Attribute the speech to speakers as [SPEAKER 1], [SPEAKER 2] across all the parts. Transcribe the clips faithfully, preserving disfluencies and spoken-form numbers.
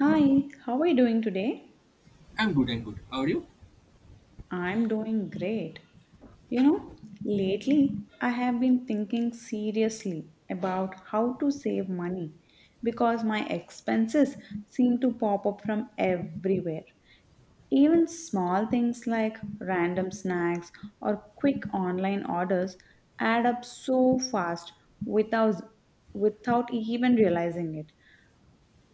[SPEAKER 1] Hi, how are you doing today?
[SPEAKER 2] I'm good, I'm good. How are you?
[SPEAKER 1] I'm doing great. You know, lately I have been thinking seriously about how to save money because my expenses seem to pop up from everywhere. Even small things like random snacks or quick online orders add up so fast without without even realizing it.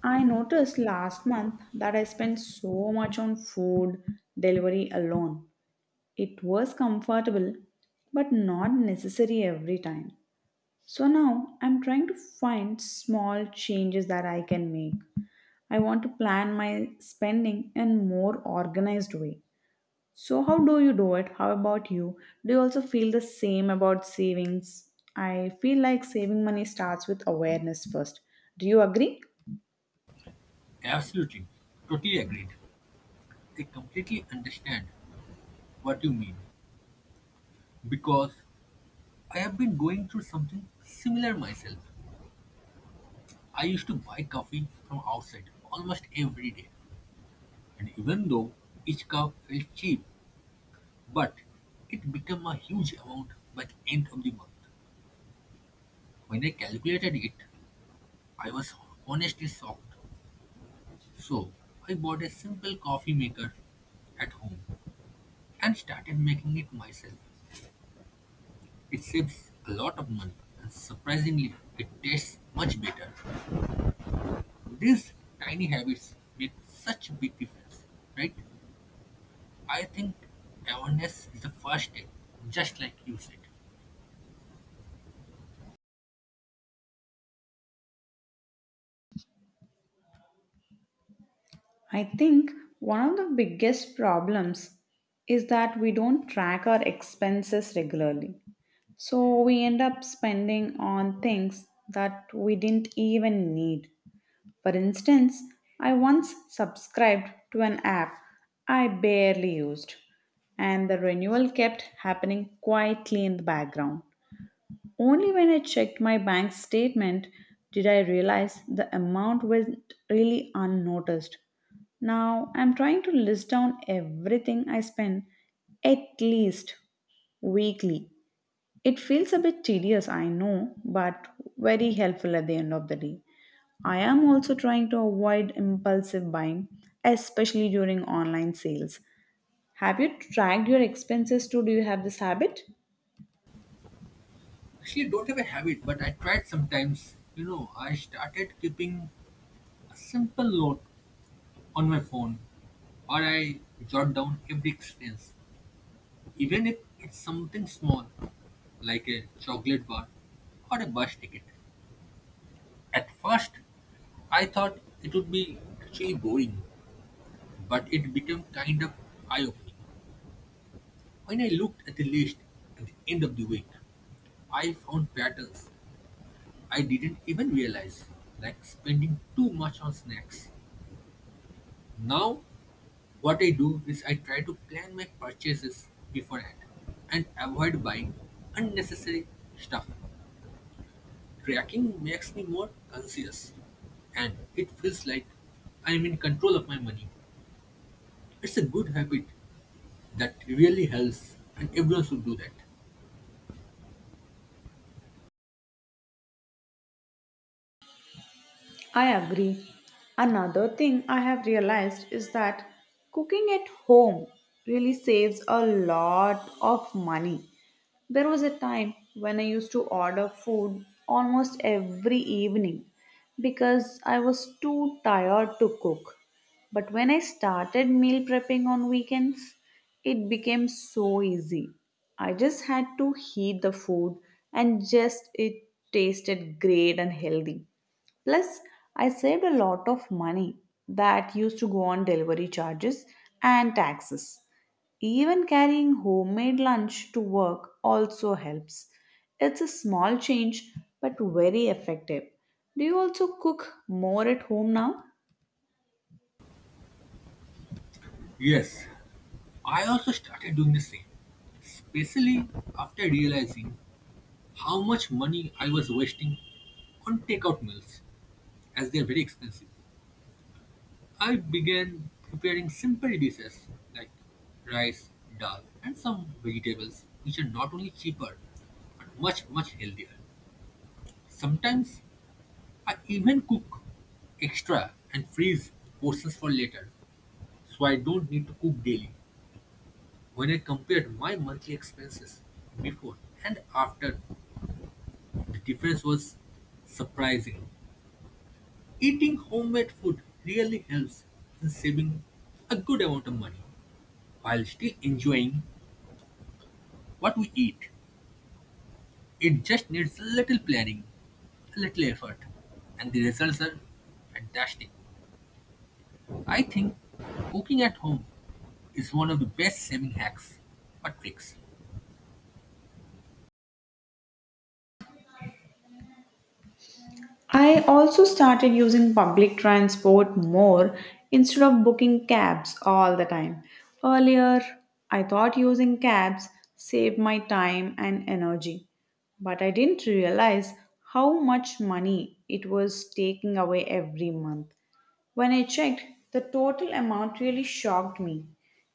[SPEAKER 1] I noticed last month that I spent so much on food delivery alone. It was comfortable, but not necessary every time. So now I'm trying to find small changes that I can make. I want to plan my spending in more organized way. So how do you do it? How about you? Do you also feel the same about savings? I feel like saving money starts with awareness first. Do you agree?
[SPEAKER 2] Absolutely. Totally agreed. I completely understand what you mean because I have been going through something similar myself. I used to buy coffee from outside almost every day, and even though each cup felt cheap, but it became a huge amount by the end of the month. When I calculated it, I was honestly shocked. So I bought a simple coffee maker at home and started making it myself. It saves a lot of money and surprisingly it tastes much better. These tiny habits make such a big difference, right? I think awareness is the first step, just like you said.
[SPEAKER 1] I think one of the biggest problems is that we don't track our expenses regularly. So we end up spending on things that we didn't even need. For instance, I once subscribed to an app I barely used, and the renewal kept happening quietly in the background. Only when I checked my bank statement did I realize the amount went really unnoticed. Now I'm trying to list down everything I spend at least weekly. It feels a bit tedious, I know, but very helpful at the end of the day. I am also trying to avoid impulsive buying, especially during online sales. Have you tracked your expenses too? Do you have this habit?
[SPEAKER 2] Actually, I don't have a habit, but I tried sometimes. You know, I started keeping a simple note on my phone or I jot down every expense, even if it's something small like a chocolate bar or a bus ticket. At first, I thought it would be actually boring, but it became kind of eye opening. When I looked at the list at the end of the week, I found patterns I didn't even realize, like spending too much on snacks. Now, what I do is I try to plan my purchases beforehand and avoid buying unnecessary stuff. Tracking makes me more conscious, and it feels like I am in control of my money. It's a good habit that really helps, and everyone should do that.
[SPEAKER 1] I agree. Another thing I have realized is that cooking at home really saves a lot of money. There was a time when I used to order food almost every evening because I was too tired to cook. But when I started meal prepping on weekends, it became so easy. I just had to heat the food and just it tasted great and healthy. Plus, I saved a lot of money that used to go on delivery charges and taxes. Even carrying homemade lunch to work also helps. It's a small change but very effective. Do you also cook more at home now?
[SPEAKER 2] Yes, I also started doing the same, especially after realizing how much money I was wasting on takeout meals, as they are very expensive. I began preparing simple dishes like rice, dal, and some vegetables, which are not only cheaper but much, much healthier. Sometimes I even cook extra and freeze portions for later so I don't need to cook daily. When I compared my monthly expenses before and after, the difference was surprising. Eating homemade food really helps in saving a good amount of money while still enjoying what we eat. It just needs a little planning, a little effort, and the results are fantastic. I think cooking at home is one of the best saving hacks or tricks.
[SPEAKER 1] I also started using public transport more instead of booking cabs all the time. Earlier, I thought using cabs saved my time and energy, but I didn't realize how much money it was taking away every month. When I checked, the total amount really shocked me.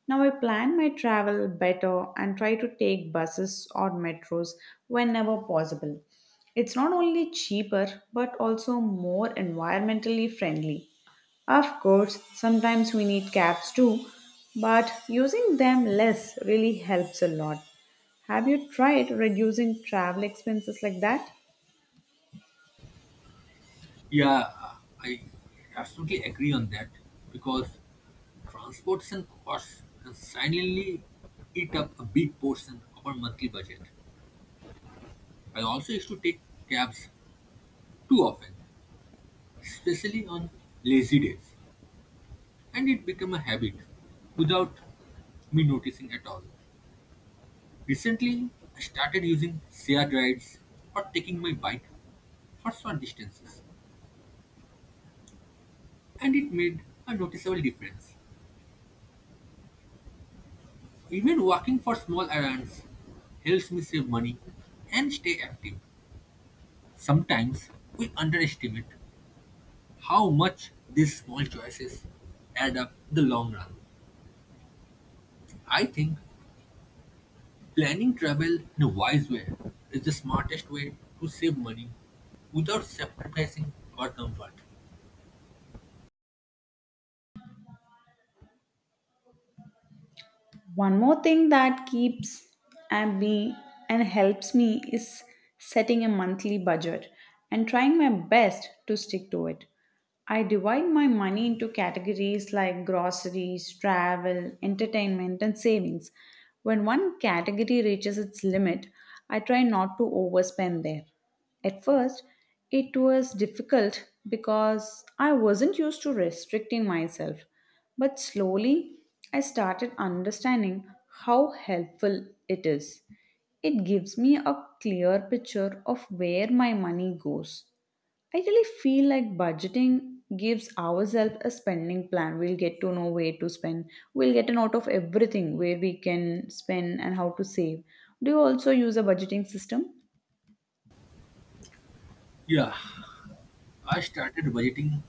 [SPEAKER 1] Now I plan my travel better and try to take buses or metros whenever possible. It's not only cheaper but also more environmentally friendly. Of course, sometimes we need cabs too, but using them less really helps a lot. Have you tried reducing travel expenses like that?
[SPEAKER 2] Yeah, I absolutely agree on that because transportation costs can silently eat up a big portion of our monthly budget. I also used to take cabs too often, especially on lazy days, and it became a habit without me noticing at all. Recently, I started using shared rides or taking my bike for short distances, and it made a noticeable difference. Even working for small errands helps me save money and stay active. Sometimes we underestimate how much these small choices add up in the long run. I think planning travel in a wise way is the smartest way to save money without sacrificing our comfort.
[SPEAKER 1] One more thing that keeps and me and helps me is setting a monthly budget and trying my best to stick to it. I divide my money into categories like groceries, travel, entertainment, and savings. When one category reaches its limit, I try not to overspend there. At first, it was difficult because I wasn't used to restricting myself. But slowly, I started understanding how helpful it is. It gives me a clear picture of where my money goes. I really feel like budgeting gives ourselves a spending plan. We'll get to know where to spend. We'll get a note of everything where we can spend and how to save. Do you also use a budgeting system?
[SPEAKER 2] Yeah, I started budgeting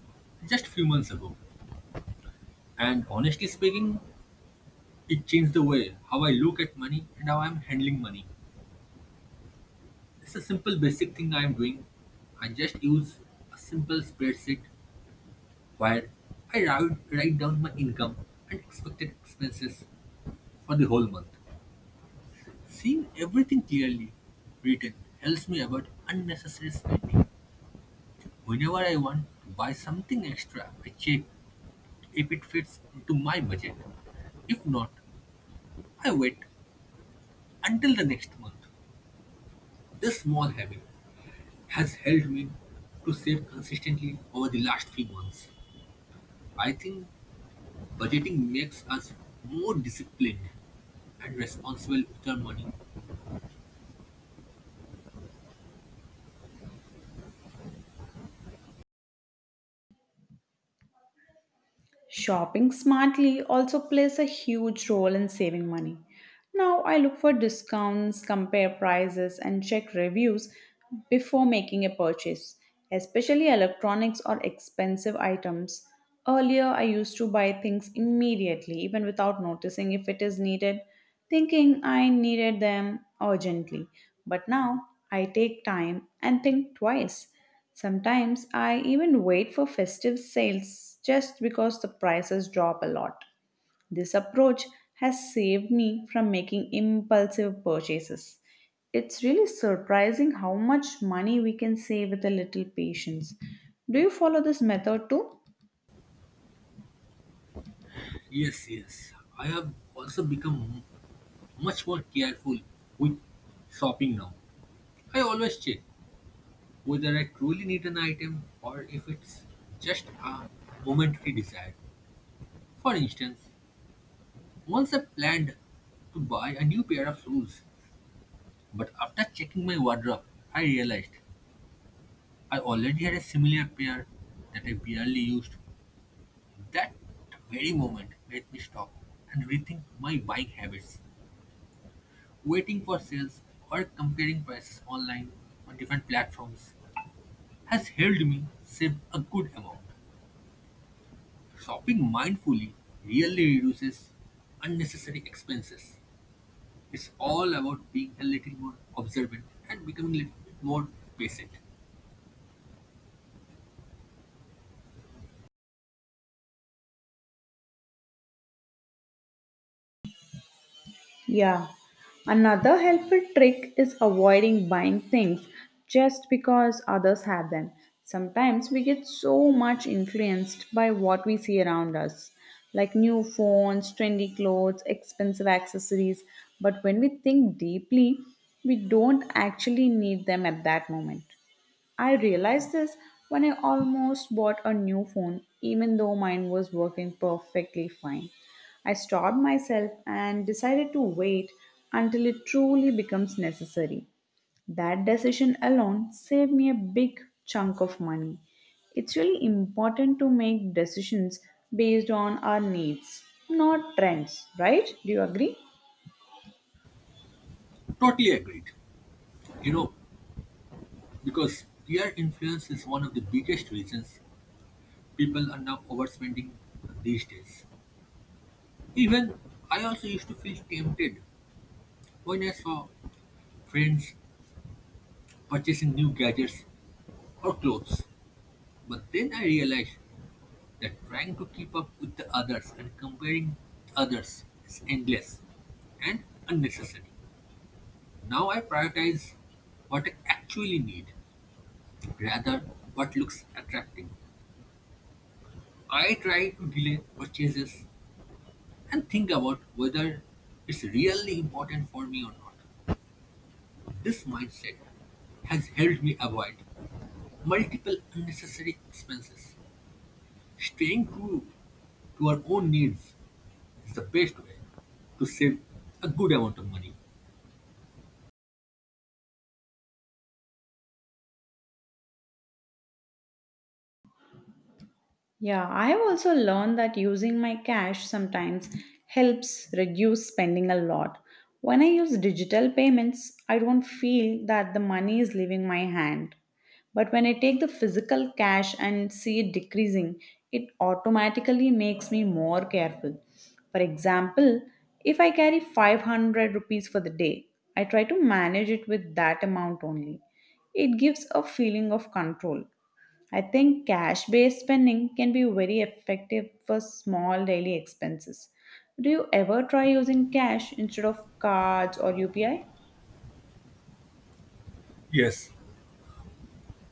[SPEAKER 2] just few months ago, and honestly speaking, it changed the way how I look at money and how I'm handling money. It's a simple basic thing I am doing. I just use a simple spreadsheet where I write, write down my income and expected expenses for the whole month. Seeing everything clearly written helps me avoid unnecessary spending. Whenever I want to buy something extra, I check if it fits into my budget. If not, I wait until the next month. This small habit has helped me to save consistently over the last few months. I think budgeting makes us more disciplined and responsible with our money.
[SPEAKER 1] Shopping smartly also plays a huge role in saving money. Now I look for discounts, compare prices, and check reviews before making a purchase, especially electronics or expensive items. Earlier, I used to buy things immediately, even without noticing if it is needed thinking I needed them urgently. But now I take time and think twice. Sometimes I even wait for festive sales just because the prices drop a lot. This approach has saved me from making impulsive purchases. It's really surprising how much money we can save with a little patience. Do you follow this method too?
[SPEAKER 2] Yes, yes. I have also become much more careful with shopping now. I always check whether I truly need an item or if it's just a momentary desire. For instance, once I planned to buy a new pair of shoes, but after checking my wardrobe, I realized I already had a similar pair that I barely used. That very moment made me stop and rethink my buying habits. Waiting for sales or comparing prices online on different platforms has helped me save a good amount. Shopping mindfully really reduces unnecessary expenses. It's all about being a little more observant and becoming a little bit more patient.
[SPEAKER 1] Yeah. Another helpful trick is avoiding buying things just because others have them. Sometimes we get so much influenced by what we see around us, like new phones, trendy clothes, expensive accessories. But when we think deeply, we don't actually need them at that moment. I realized this when I almost bought a new phone, even though mine was working perfectly fine. I stopped myself and decided to wait until it truly becomes necessary. That decision alone saved me a big chunk of money. It's really important to make decisions based on our needs, not trends, right? Do you agree?
[SPEAKER 2] Totally agreed. You know, because peer influence is one of the biggest reasons people are now overspending these days. Even I also used to feel tempted when I saw friends purchasing new gadgets or clothes. But then I realized that trying to keep up with the others and comparing with others is endless and unnecessary. Now I prioritize what I actually need rather what looks attractive. I try to delay purchases and think about whether it's really important for me or not. This mindset has helped me avoid multiple unnecessary expenses. Staying true to our own needs is the best way to save a good amount of money.
[SPEAKER 1] Yeah, I have also learned that using my cash sometimes helps reduce spending a lot. When I use digital payments, I don't feel that the money is leaving my hand. But when I take the physical cash and see it decreasing, it automatically makes me more careful. For example, if I carry five hundred rupees for the day, I try to manage it with that amount only. It gives a feeling of control. I think cash based spending can be very effective for small daily expenses. Do you ever try using cash instead of cards or U P I?
[SPEAKER 2] Yes,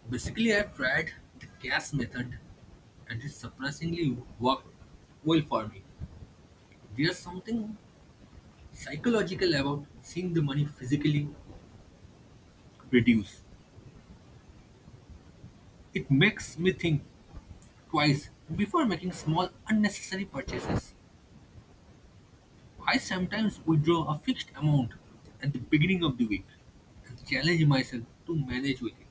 [SPEAKER 2] basically, I have tried the cash method and it surprisingly worked well for me. There's something psychological about seeing the money physically reduce. It makes me think twice before making small unnecessary purchases. I sometimes withdraw a fixed amount at the beginning of the week and challenge myself to manage with it.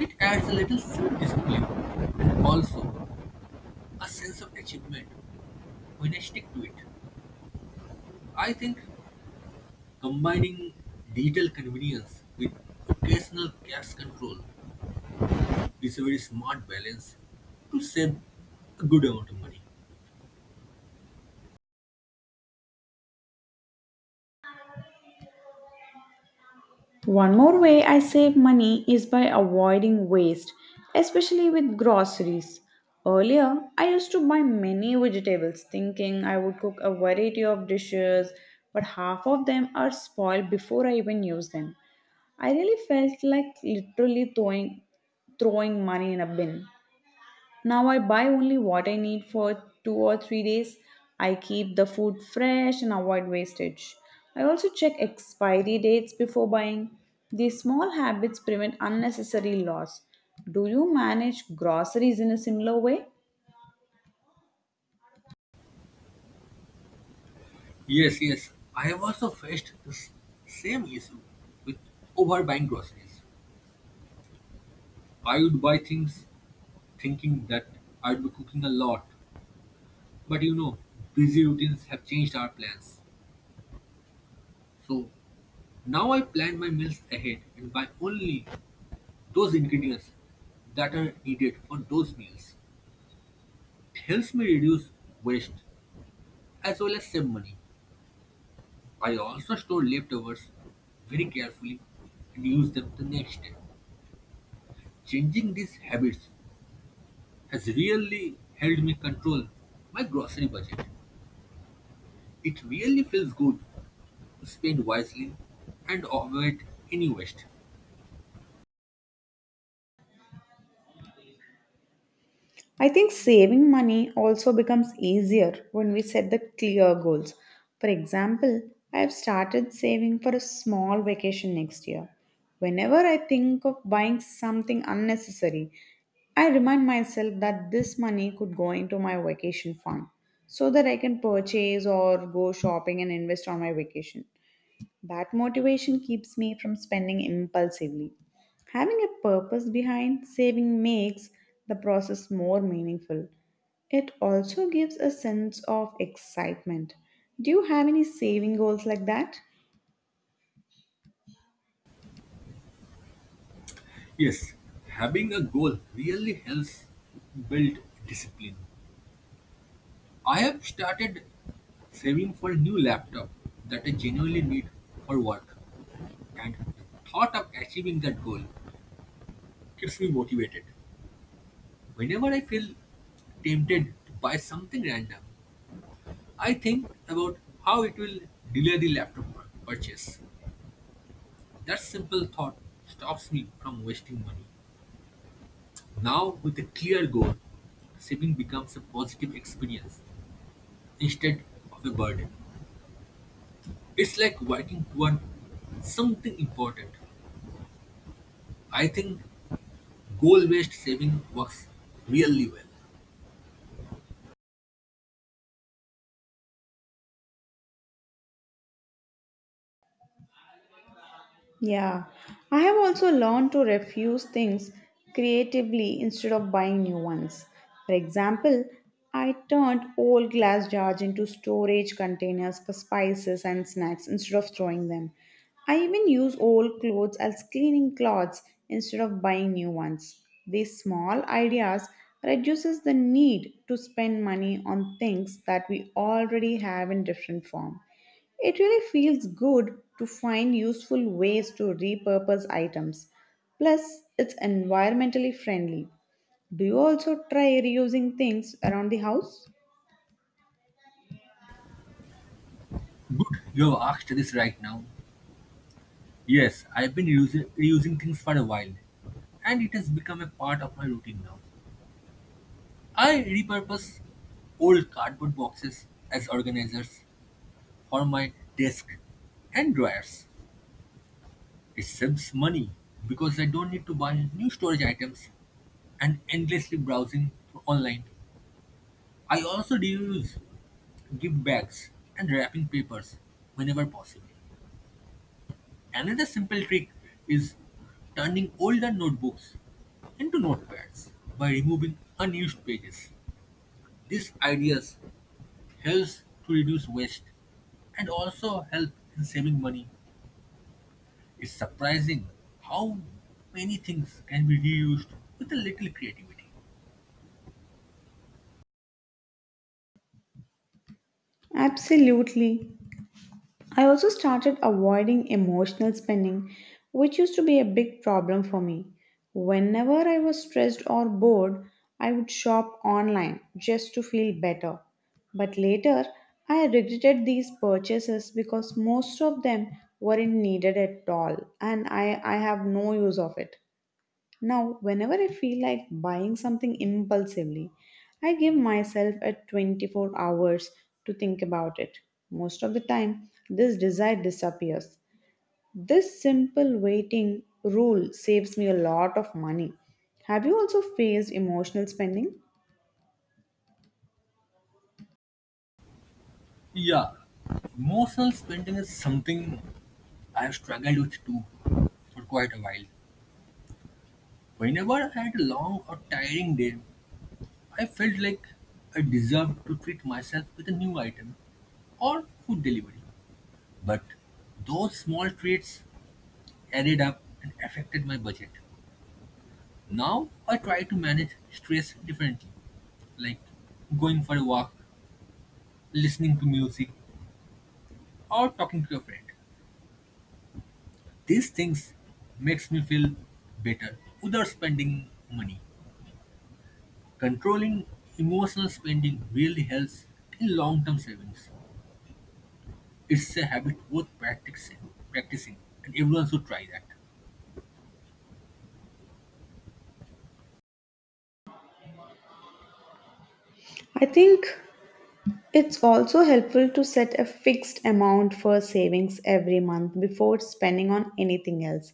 [SPEAKER 2] It adds a little self discipline and also a sense of achievement when I stick to it. I think combining digital convenience with occasional cash control is a very smart balance to save a good amount of money.
[SPEAKER 1] One more way I save money is by avoiding waste, especially with groceries. Earlier, I used to buy many vegetables thinking I would cook a variety of dishes, but half of them are spoiled before I even use them. I really felt like literally throwing, throwing money in a bin. Now I buy only what I need for two or three days. I keep the food fresh and avoid wastage. I also check expiry dates before buying. These small habits prevent unnecessary loss. Do you manage groceries in a similar way?
[SPEAKER 2] Yes, yes, I have also faced the s- same issue with overbuying groceries. I would buy things thinking that I'd be cooking a lot. But you know, busy routines have changed our plans. So now I plan my meals ahead and buy only those ingredients that are needed for those meals. It helps me reduce waste as well as save money. I also store leftovers very carefully and use them the next day. Changing these habits has really helped me control my grocery budget. It really feels good. Spend wisely and avoid any waste.
[SPEAKER 1] I think saving money also becomes easier when we set the clear goals. For example, I have started saving for a small vacation next year. Whenever I think of buying something unnecessary, I remind myself that this money could go into my vacation fund so that I can purchase or go shopping and invest on my vacation. That motivation keeps me from spending impulsively. Having a purpose behind saving makes the process more meaningful. It also gives a sense of excitement. Do you have any saving goals like that?
[SPEAKER 2] Yes, having a goal really helps build discipline. I have started saving for a new laptop that I genuinely need for work, and the thought of achieving that goal keeps me motivated. Whenever I feel tempted to buy something random, I think about how it will delay the laptop purchase. That simple thought stops me from wasting money. Now with a clear goal, saving becomes a positive experience instead of a burden. It's like working toward something important. I think goal-based saving works really well.
[SPEAKER 1] Yeah, I have also learned to refuse things creatively instead of buying new ones. For example, I turned old glass jars into storage containers for spices and snacks instead of throwing them. I even use old clothes as cleaning cloths instead of buying new ones. These small ideas reduces the need to spend money on things that we already have in different form. It really feels good to find useful ways to repurpose items. Plus, it's environmentally friendly. Do you also try reusing things around the house?
[SPEAKER 2] Good, you have asked this right now. Yes, I've been using, reusing things for a while, and it has become a part of my routine now. I repurpose old cardboard boxes as organizers for my desk and drawers. It saves money because I don't need to buy new storage items and endlessly browsing online. I also reuse gift bags and wrapping papers whenever possible. Another simple trick is turning older notebooks into notepads by removing unused pages. These ideas helps to reduce waste and also help in saving money. It's surprising how many things can be reused with a little creativity.
[SPEAKER 1] Absolutely. I also started avoiding emotional spending, which used to be a big problem for me. Whenever I was stressed or bored, I would shop online just to feel better. But later, I regretted these purchases because most of them weren't needed at all and I, I have no use of it. Now, whenever I feel like buying something impulsively, I give myself a twenty-four hours to think about it. Most of the time, this desire disappears. This simple waiting rule saves me a lot of money. Have you also faced emotional spending?
[SPEAKER 2] Yeah, emotional spending is something I have struggled with too for quite a while. Whenever I had a long or tiring day, I felt like I deserved to treat myself with a new item or food delivery. But those small treats added up and affected my budget. Now I try to manage stress differently, like going for a walk, listening to music, or talking to a friend. These things makes me feel better without spending money. Controlling emotional spending really helps in long-term savings. It's a habit worth practicing, practicing, and everyone should try that.
[SPEAKER 1] I think it's also helpful to set a fixed amount for savings every month before spending on anything else.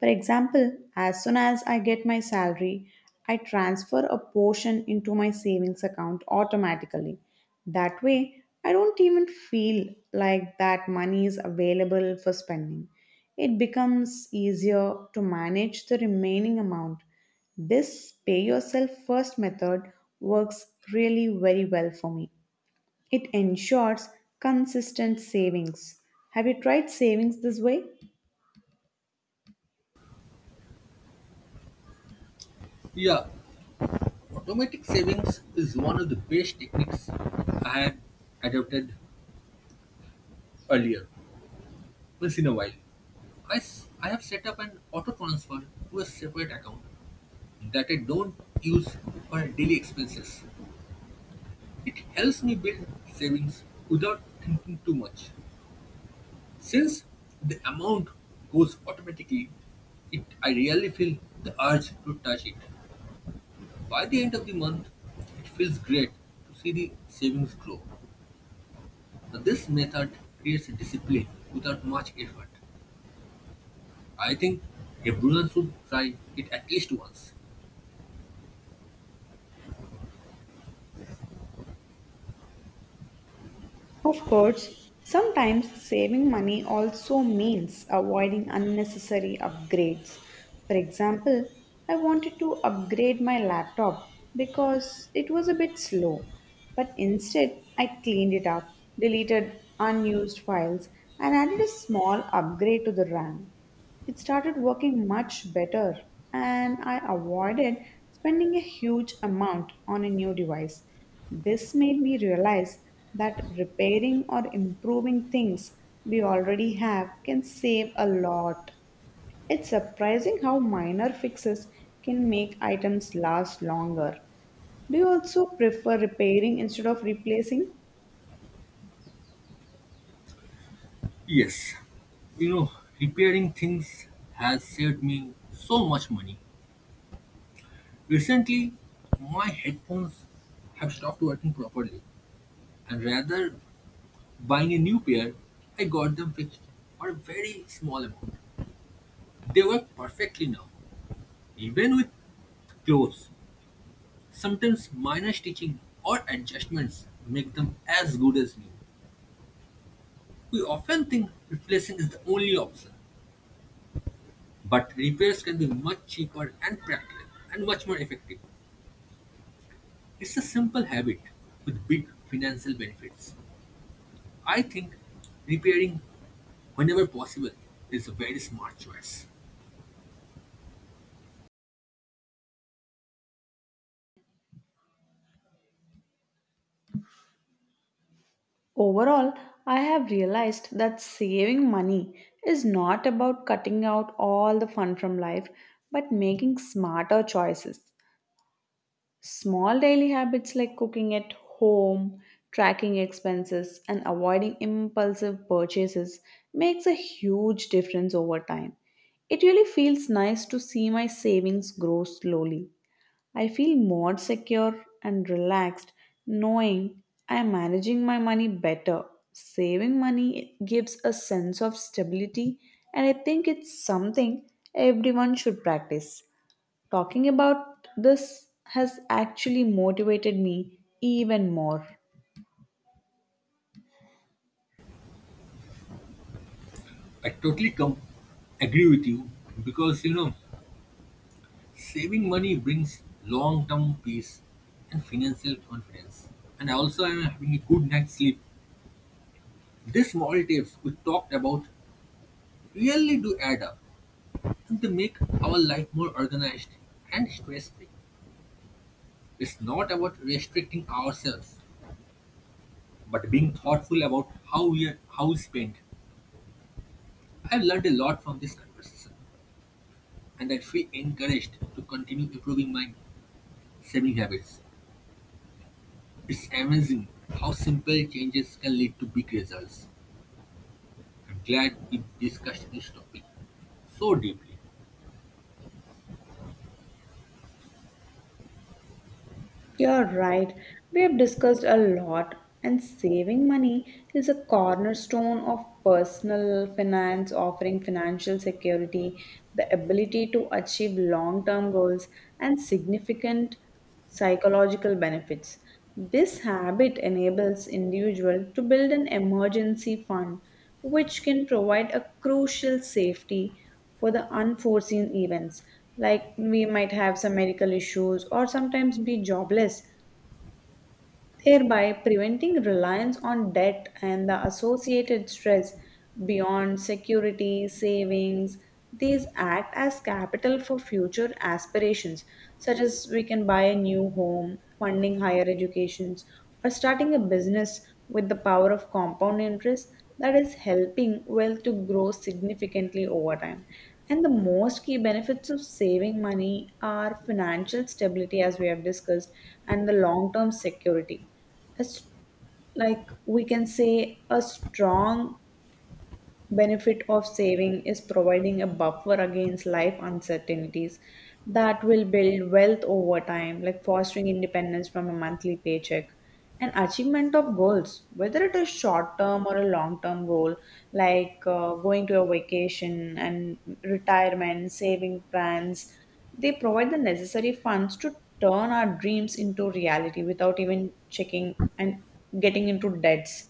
[SPEAKER 1] For example, as soon as I get my salary, I transfer a portion into my savings account automatically. That way, I don't even feel like that money is available for spending. It becomes easier to manage the remaining amount. This pay yourself first method works really very well for me. It ensures consistent savings. Have you tried savings this way?
[SPEAKER 2] Yeah, automatic savings is one of the best techniques I had adopted earlier. Once in a while, I, s- I have set up an auto transfer to a separate account that I don't use for daily expenses. It helps me build savings without thinking too much. Since the amount goes automatically, it, I rarely feel the urge to touch it. By the end of the month, it feels great to see the savings grow. Now, this method creates a discipline without much effort. I think everyone should try it at least once.
[SPEAKER 1] Of course, sometimes saving money also means avoiding unnecessary upgrades. For example, I wanted to upgrade my laptop because it was a bit slow, but instead I cleaned it up, deleted unused files, and added a small upgrade to the RAM. It started working much better, and I avoided spending a huge amount on a new device. This made me realize that repairing or improving things we already have can save a lot. It's surprising how minor fixes can make items last longer. Do you also prefer repairing instead of replacing?
[SPEAKER 2] Yes, you know, repairing things has saved me so much money. Recently, my headphones have stopped working properly, and rather buying a new pair, I got them fixed for a very small amount. They work perfectly now, even with clothes. Sometimes minor stitching or adjustments make them as good as new. We often think replacing is the only option, but repairs can be much cheaper and practical and much more effective. It's a simple habit with big financial benefits. I think repairing whenever possible is a very smart choice.
[SPEAKER 1] Overall, I have realized that saving money is not about cutting out all the fun from life, but making smarter choices. Small daily habits like cooking at home, tracking expenses, and avoiding impulsive purchases makes a huge difference over time. It really feels nice to see my savings grow slowly. I feel more secure and relaxed knowing I am managing my money better. Saving money gives a sense of stability, and I think it's something everyone should practice. Talking about this has actually motivated me even more.
[SPEAKER 2] I totally com- agree with you because you know saving money brings long-term peace and financial confidence. And also, I'm having a good night's sleep. These small tips we talked about really do add up and they make our life more organized and stress-free. It's not about restricting ourselves but being thoughtful about how we are how we spend, I've learned a lot from this conversation, and I feel encouraged to continue improving my saving habits. It's amazing how simple changes can lead to big results. I'm glad we discussed this topic so deeply.
[SPEAKER 1] You're right. We have discussed a lot, and saving money is a cornerstone of personal finance, offering financial security, the ability to achieve long term goals, and significant psychological benefits. This habit enables individuals to build an emergency fund, which can provide a crucial safety for the unforeseen events, like we might have some medical issues or sometimes be jobless, thereby preventing reliance on debt and the associated stress beyond security, savings. These act as capital for future aspirations, such as we can buy a new home, funding higher educations, or starting a business with the power of compound interest that is helping wealth to grow significantly over time and the most key benefits of saving money are financial stability, as we have discussed, and the long term security. As like we can say, a strong benefit of saving is providing a buffer against life uncertainties that will build wealth over time like fostering independence from a monthly paycheck and achievement of goals whether it is short term or a long term goal like uh, going to a vacation and retirement saving plans they provide the necessary funds to turn our dreams into reality without even checking and getting into debts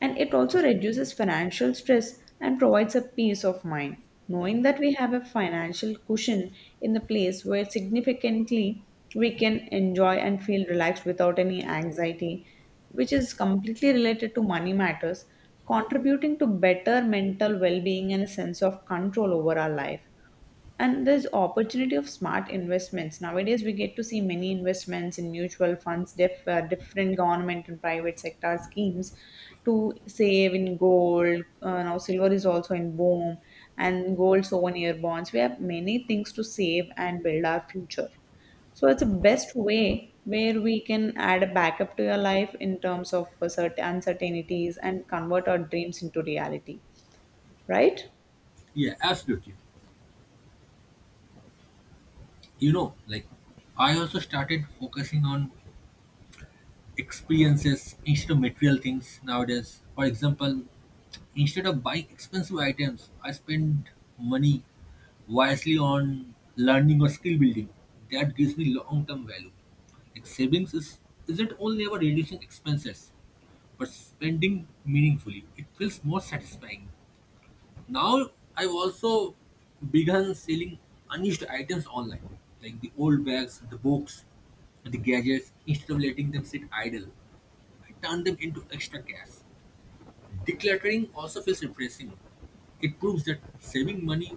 [SPEAKER 1] and it also reduces financial stress and provides a peace of mind. Knowing that we have a financial cushion in the place where significantly we can enjoy and feel relaxed without any anxiety, which is completely related to money matters, contributing to better mental well being and a sense of control over our life and there's opportunity of smart investments nowadays we get to see many investments in mutual funds diff, uh, different government and private sector schemes to save in gold uh, now silver is also in boom and gold souvenir bonds we have many things to save and build our future so it's a best way where we can add a backup to your life in terms of uh, certain uncertainties and convert our dreams into reality, right?
[SPEAKER 2] Yeah, absolutely. You know, like I also started focusing on experiences instead of material things nowadays. For example, instead of buying expensive items, I spend money wisely on learning or skill building. That gives me long term value. Like savings is isn't only about reducing expenses, but spending meaningfully. It feels more satisfying. Now I've also begun selling unused items online, like the old bags, the books, the gadgets, instead of letting them sit idle. I turn them into extra cash. Decluttering also feels refreshing. It proves that saving money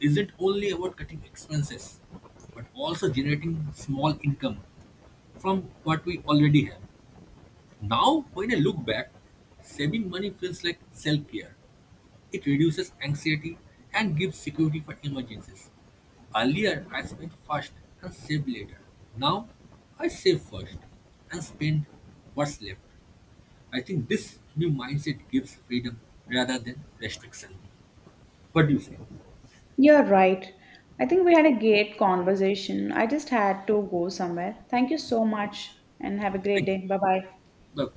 [SPEAKER 2] isn't only about cutting expenses, but also generating small income from what we already have. Now, when I look back, saving money feels like self care. It reduces anxiety and gives security for emergencies. Earlier, I spent first and saved later. Now, I save first and spend what's left. I think this new mindset gives freedom rather than restriction. What do you say?
[SPEAKER 1] You're right. I think we had a great conversation. I just had to go somewhere. Thank you so much and have a great
[SPEAKER 2] Thank you.
[SPEAKER 1] day. Bye bye.
[SPEAKER 2] Bye.